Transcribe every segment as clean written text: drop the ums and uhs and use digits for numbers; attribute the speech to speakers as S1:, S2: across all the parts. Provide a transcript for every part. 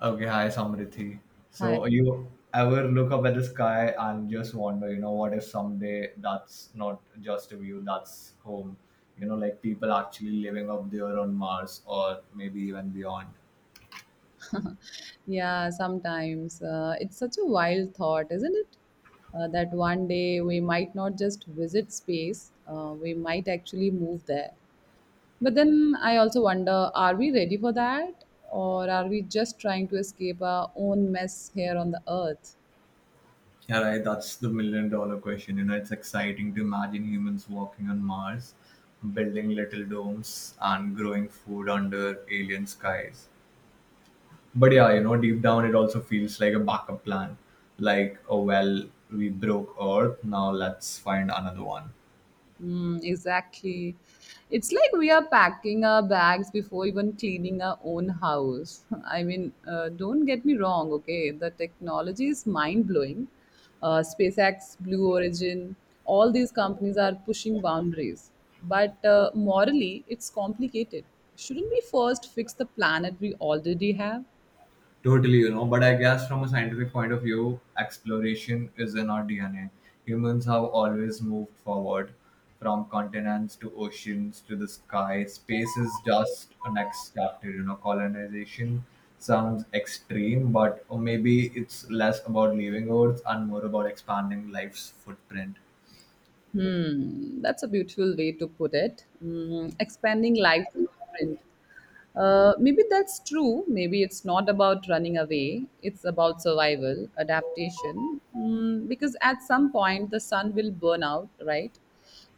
S1: Okay, hi Samriddhi. So
S2: Hi.
S1: you ever look up at the sky and just wonder, what if someday that's not just a view, that's home. Like people actually living up there on Mars or maybe even beyond.
S2: Yeah, sometimes. It's such a wild thought, isn't it? That one day we might not just visit space, we might actually move there. But then I also wonder, are we ready for that? Or are we just trying to escape our own mess here on the earth?
S1: Yeah, right. That's the million dollar question. You know, it's exciting to imagine humans walking on Mars, building little domes and growing food under alien skies. But yeah, deep down it also feels like a backup plan, like, oh well, we broke earth, now let's find another one.
S2: Mm, exactly. It's like we are packing our bags before even cleaning our own house. I mean, don't get me wrong, okay? The technology is mind blowing. SpaceX, Blue Origin, all these companies are pushing boundaries. But morally, it's complicated. Shouldn't we first fix the planet we already have?
S1: Totally. But I guess from a scientific point of view, exploration is in our dna. Humans have always moved forward, from continents to oceans to the sky. Space is just a next chapter, colonization sounds extreme, but or maybe it's less about leaving earth and more about expanding life's footprint.
S2: Hmm, that's a beautiful way to put it. Mm, expanding life footprint. Maybe that's true. Maybe it's not about running away. It's about survival, adaptation. Mm, because at some point the sun will burn out, right?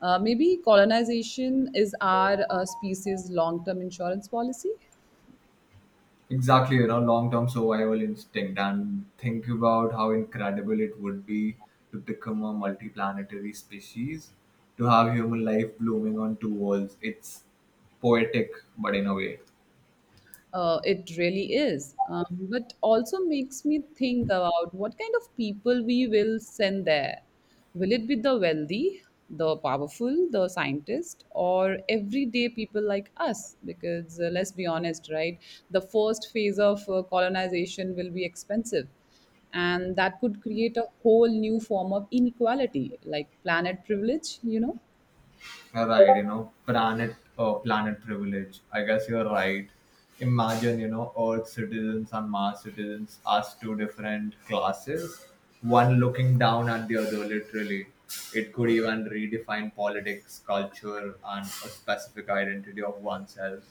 S2: Maybe colonization is our species' long-term insurance policy.
S1: Exactly. Long-term survival instinct, and think about how incredible it would be to become a multiplanetary species, to have human life blooming on two worlds. It's poetic, but in a way.
S2: It really is. But also makes me think about what kind of people we will send there. Will it be the wealthy, the powerful, the scientist, or everyday people like us? Because let's be honest, right? The first phase of colonization will be expensive. And that could create a whole new form of inequality, like planet privilege, you know?
S1: You're right, planet planet privilege. I guess you're right. Imagine, earth citizens and mars citizens as two different classes, one looking down at the other literally. It could even redefine politics, culture, and a specific identity of oneself.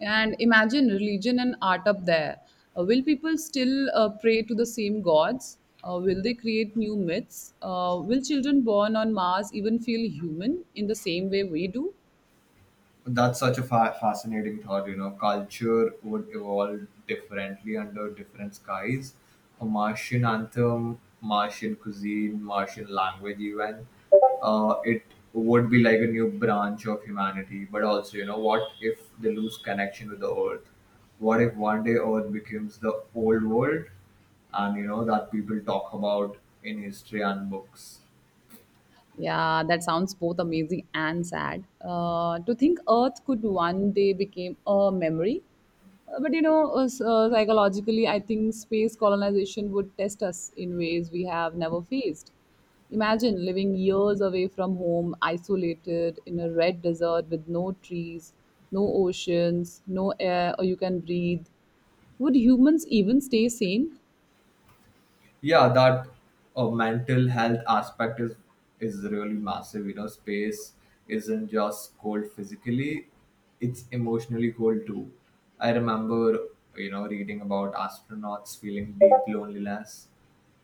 S2: And imagine religion and art up there. Will people still pray to the same gods? Will they create new myths? Will children born on mars even feel human in the same way we do?
S1: That's such a fascinating thought. Culture would evolve differently under different skies. A martian anthem, martian cuisine, martian language even. It would be like a new branch of humanity. But also, what if they lose connection with the earth? What if one day earth becomes the old world and that people talk about in history and books?
S2: Yeah, that sounds both amazing and sad. To think Earth could one day become a memory. But you know, psychologically, I think space colonization would test us in ways we have never faced. Imagine living years away from home, isolated in a red desert with no trees, no oceans, no air, or you can breathe. Would humans even stay sane?
S1: Yeah, that mental health aspect is really massive. You know, space isn't just cold physically, it's emotionally cold too. I remember, reading about astronauts feeling deep loneliness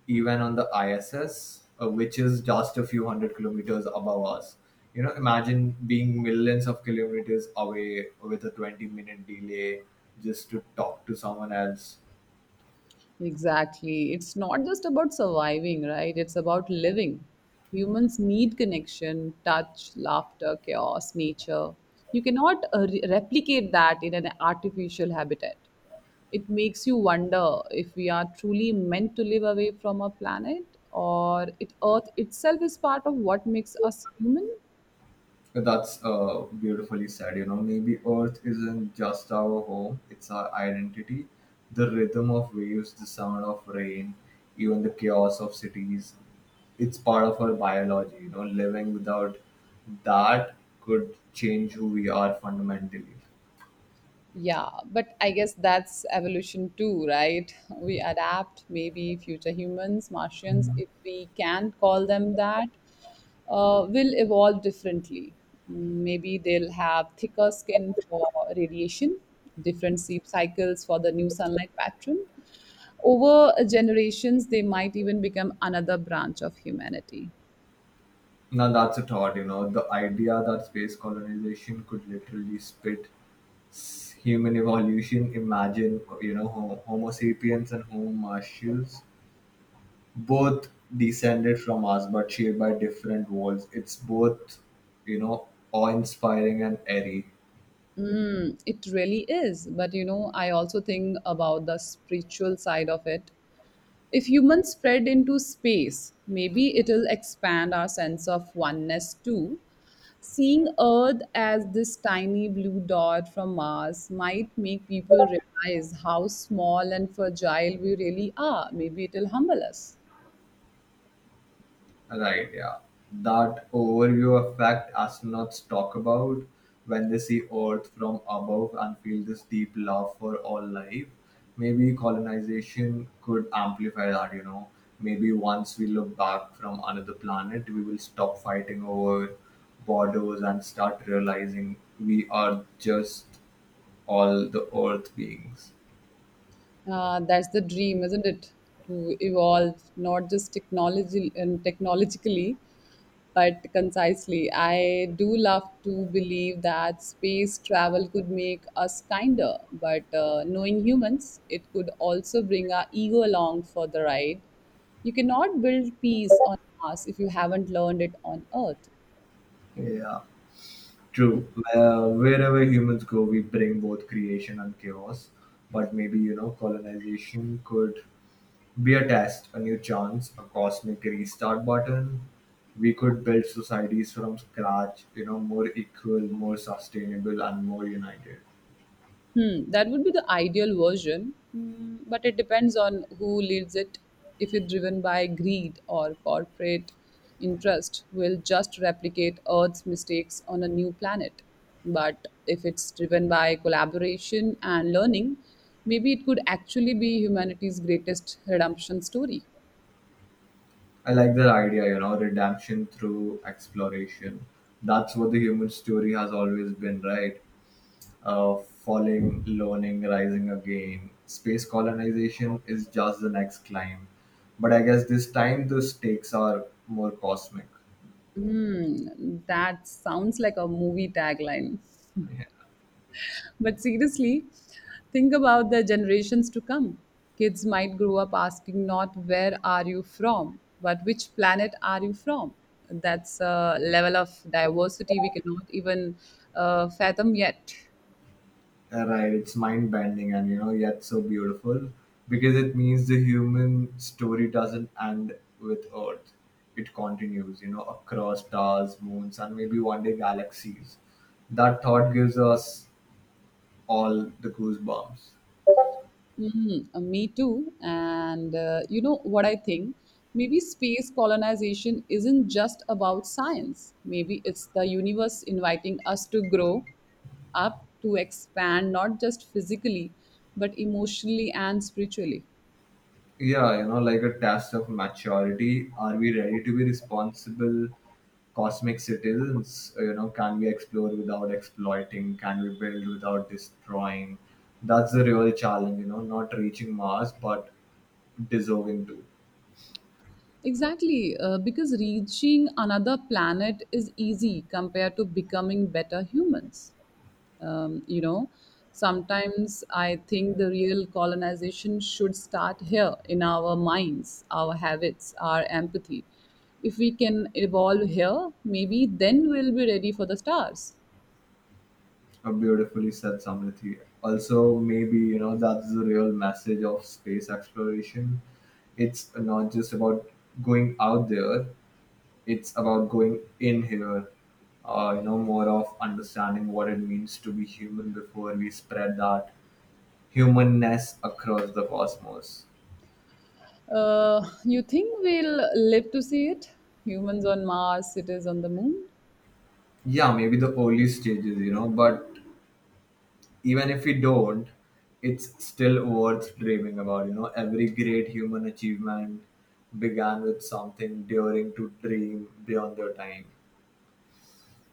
S1: even on the iss, which is just a few hundred kilometers above us. You know, imagine being millions of kilometers away with a 20-minute delay just to talk to someone else.
S2: Exactly. It's not just about surviving, right? It's about living. Humans need connection, touch, laughter, chaos, nature. You cannot replicate that in an artificial habitat. It makes you wonder if we are truly meant to live away from our planet, or it Earth itself is part of what makes us human.
S1: That's beautifully said. You know, maybe Earth isn't just our home, it's our identity. The rhythm of waves, the sound of rain, even the chaos of cities. It's part of our biology. You know, living without that could change who we are fundamentally.
S2: Yeah, but I guess that's evolution too, right? We adapt. Maybe future humans, Martians, if we can call them that, will evolve differently. Mm, maybe they'll have thicker skin for radiation, different sleep cycles for the new sunlight pattern. Over generations, they might even become another branch of humanity.
S1: Now, that's a thought. You know, the idea that space colonization could literally spit human evolution. Imagine, Homo, homo sapiens and Homo martians, both descended from us but shaped by different walls. It's both, awe inspiring and airy.
S2: Hmm, it really is. But you know, I also think about the spiritual side of it. If humans spread into space, maybe it'll expand our sense of oneness too. Seeing Earth as this tiny blue dot from Mars might make people realize how small and fragile we really are. Maybe it'll humble us.
S1: Right, yeah. That overview effect astronauts talk about when they see Earth from above and feel this deep love for all life. Maybe colonization could amplify that. Maybe once we look back from another planet, we will stop fighting over borders and start realizing we are just all the Earth beings.
S2: That's the dream, isn't it? To evolve, not just technology and technologically, but concisely. I do love to believe that space travel could make us kinder, but knowing humans, it could also bring our ego along for the ride. You cannot build peace on Mars if you haven't learned it on Earth.
S1: Yeah. True. Wherever humans go, we bring both creation and chaos. But maybe, colonization could be a test, a new chance, a cosmic restart button. We could build societies from scratch, more equal, more sustainable, and more united.
S2: Hmm, that would be the ideal version, mm, but it depends on who leads it. If it's driven by greed or corporate interest, we'll just replicate Earth's mistakes on a new planet. But if it's driven by collaboration and learning, maybe it could actually be humanity's greatest redemption story.
S1: I like that idea, redemption through exploration. That's what the human story has always been, right? uh, Falling, learning, rising again. Space colonization is just the next climb. But I guess this time the stakes are more cosmic.
S2: Hmm, that sounds like a movie tagline. But seriously, think about the generations to come. Kids might grow up asking not where are you from, but which planet are you from? That's a level of diversity we cannot even fathom yet.
S1: Yeah, right, it's mind bending, and yet so beautiful because it means the human story doesn't end with Earth. It continues, across stars, moons, and maybe one day galaxies. That thought gives us all the goosebumps.
S2: Me too. And you know what I think? Maybe space colonization isn't just about science. Maybe it's the universe inviting us to grow up, to expand, not just physically, but emotionally and spiritually.
S1: Yeah, like a test of maturity. Are we ready to be responsible cosmic citizens? Can we explore without exploiting? Can we build without destroying? That's the real challenge, not reaching Mars, but deserving to.
S2: Exactly, because reaching another planet is easy compared to becoming better humans. You know, sometimes I think the real colonization should start here, in our minds, our habits, our empathy. If we can evolve here, maybe then we'll be ready for the stars.
S1: A beautifully said Samrithi. Also, maybe, that's the real message of space exploration. It's not just about going out there, it's about going in here. More of understanding what it means to be human before we spread that humanness across the cosmos.
S2: You think we'll live to see it? Humans on mars, cities on the moon?
S1: Yeah, maybe the early stages, but even if we don't, it's still worth dreaming about. Every great human achievement began with something daring to dream beyond their time.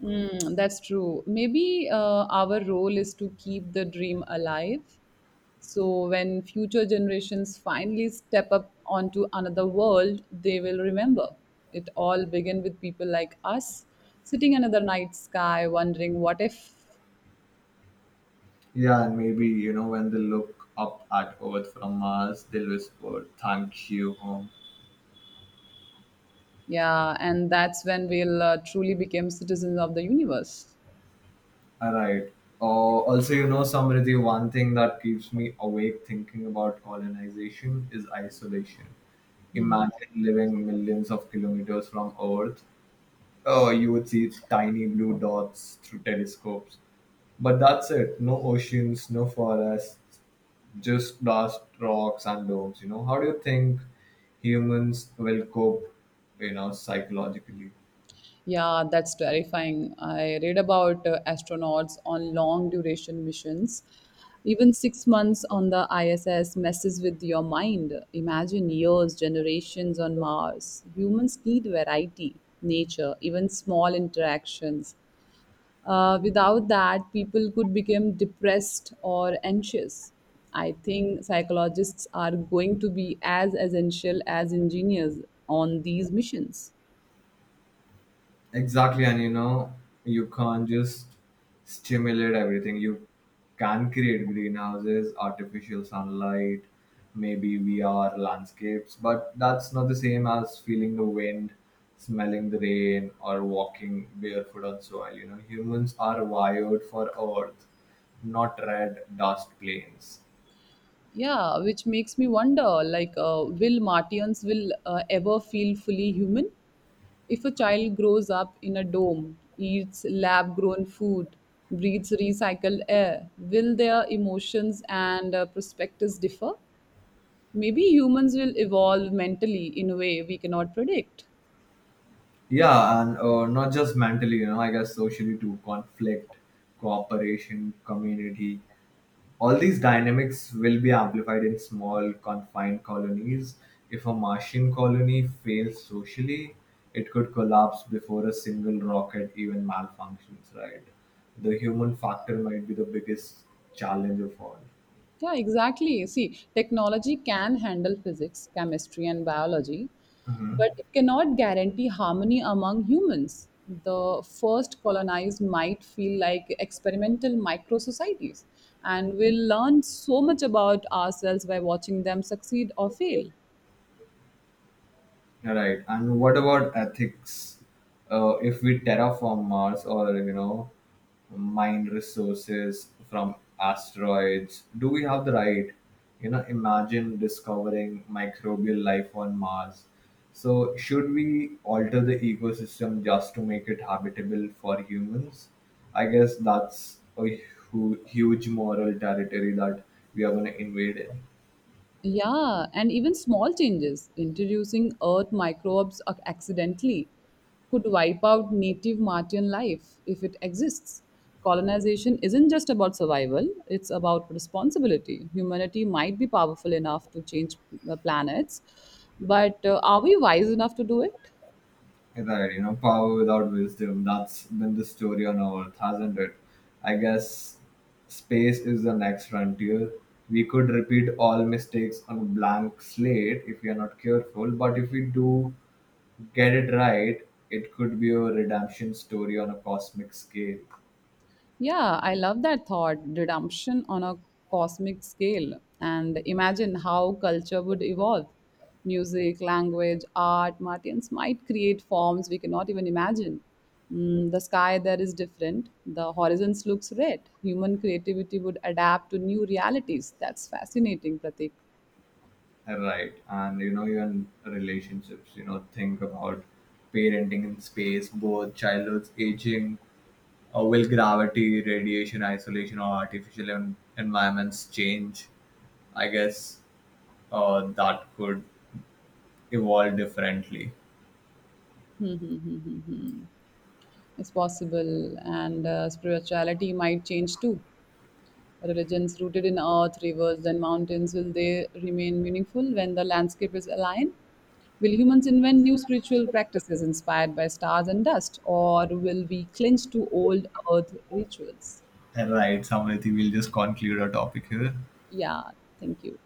S2: Mm, that's true. Maybe our role is to keep the dream alive, so when future generations finally step up onto another world, they will remember. It all began with people like us sitting under the night sky wondering what if.
S1: Yeah, and maybe, when they look up at earth from mars, they'll whisper thank you home.
S2: Yeah, and that's when we'll truly become citizens of the universe.
S1: Alright. Also, Samriddhi, one thing that keeps me awake thinking about colonization is isolation. Imagine living millions of kilometers from Earth. You would see tiny blue dots through telescopes. But that's it. No oceans, no forests, just dust, rocks, and domes. You know, how do you think humans will cope, psychologically?
S2: Yeah, that's terrifying. I read about astronauts on long duration missions. Even 6 months on the ISS messes with your mind. Imagine years, generations on Mars. Humans need variety, nature, even small interactions. Without that, people could become depressed or anxious. I think psychologists are going to be as essential as engineers on these missions.
S1: Exactly, and you can't just stimulate everything. You can create greenhouses, artificial sunlight, maybe VR landscapes, but that's not the same as feeling the wind, smelling the rain, or walking barefoot on soil. You know, humans are wired for earth, not red dust plains.
S2: Yeah, which makes me wonder, like, will Martians will ever feel fully human? If a child grows up in a dome, eats lab grown food, breathes recycled air, will their emotions and perspectives differ? Maybe humans will evolve mentally in a way we cannot predict.
S1: Yeah, and not just mentally. I guess socially too, conflict, cooperation, community, all these dynamics will be amplified in small confined colonies. If a martian colony fails socially, it could collapse before a single rocket even malfunctions, right? The human factor might be the biggest challenge of all.
S2: Yeah, exactly. See, technology can handle physics, chemistry, and biology, but it cannot guarantee harmony among humans. The first colonized might feel like experimental micro societies, and we'll learn so much about ourselves by watching them succeed or fail.
S1: Right. And what about ethics? If we terraform Mars, or, mine resources from asteroids, do we have the right? You know, imagine discovering microbial life on Mars. So, should we alter the ecosystem just to make it habitable for humans? I guess that's a huge moral territory that we are going to invade in.
S2: Yeah, and even small changes, introducing earth microbes accidentally, could wipe out native Martian life if it exists. Colonization isn't just about survival, it's about responsibility. Humanity might be powerful enough to change planets, but are we wise enough to do it?
S1: Right, power without wisdom. That's been the story on Earth, hasn't it? I guess space is the next frontier. We could repeat all mistakes on a blank slate if we are not careful, but if we do get it right, it could be a redemption story on a cosmic scale.
S2: Yeah, I love that thought, redemption on a cosmic scale. And imagine how culture would evolve. Music, language, art, Martians might create forms we cannot even imagine. Mm, the sky there is different, the horizons looks red. Human creativity would adapt to new realities. That's fascinating, Pratik.
S1: Right, and even relationships, think about parenting in space, birth, childhood's aging. Or will gravity, radiation, isolation, or artificial environments change? I guess that could evolve differently.
S2: It's possible, and spirituality might change too. Religions rooted in earth, rivers, and mountains, will they remain meaningful when the landscape is aligned? Will humans invent new spiritual practices inspired by stars and dust, or will we clinch to old earth rituals?
S1: And right, Samrithi, we'll just conclude our topic here.
S2: Yeah, thank you.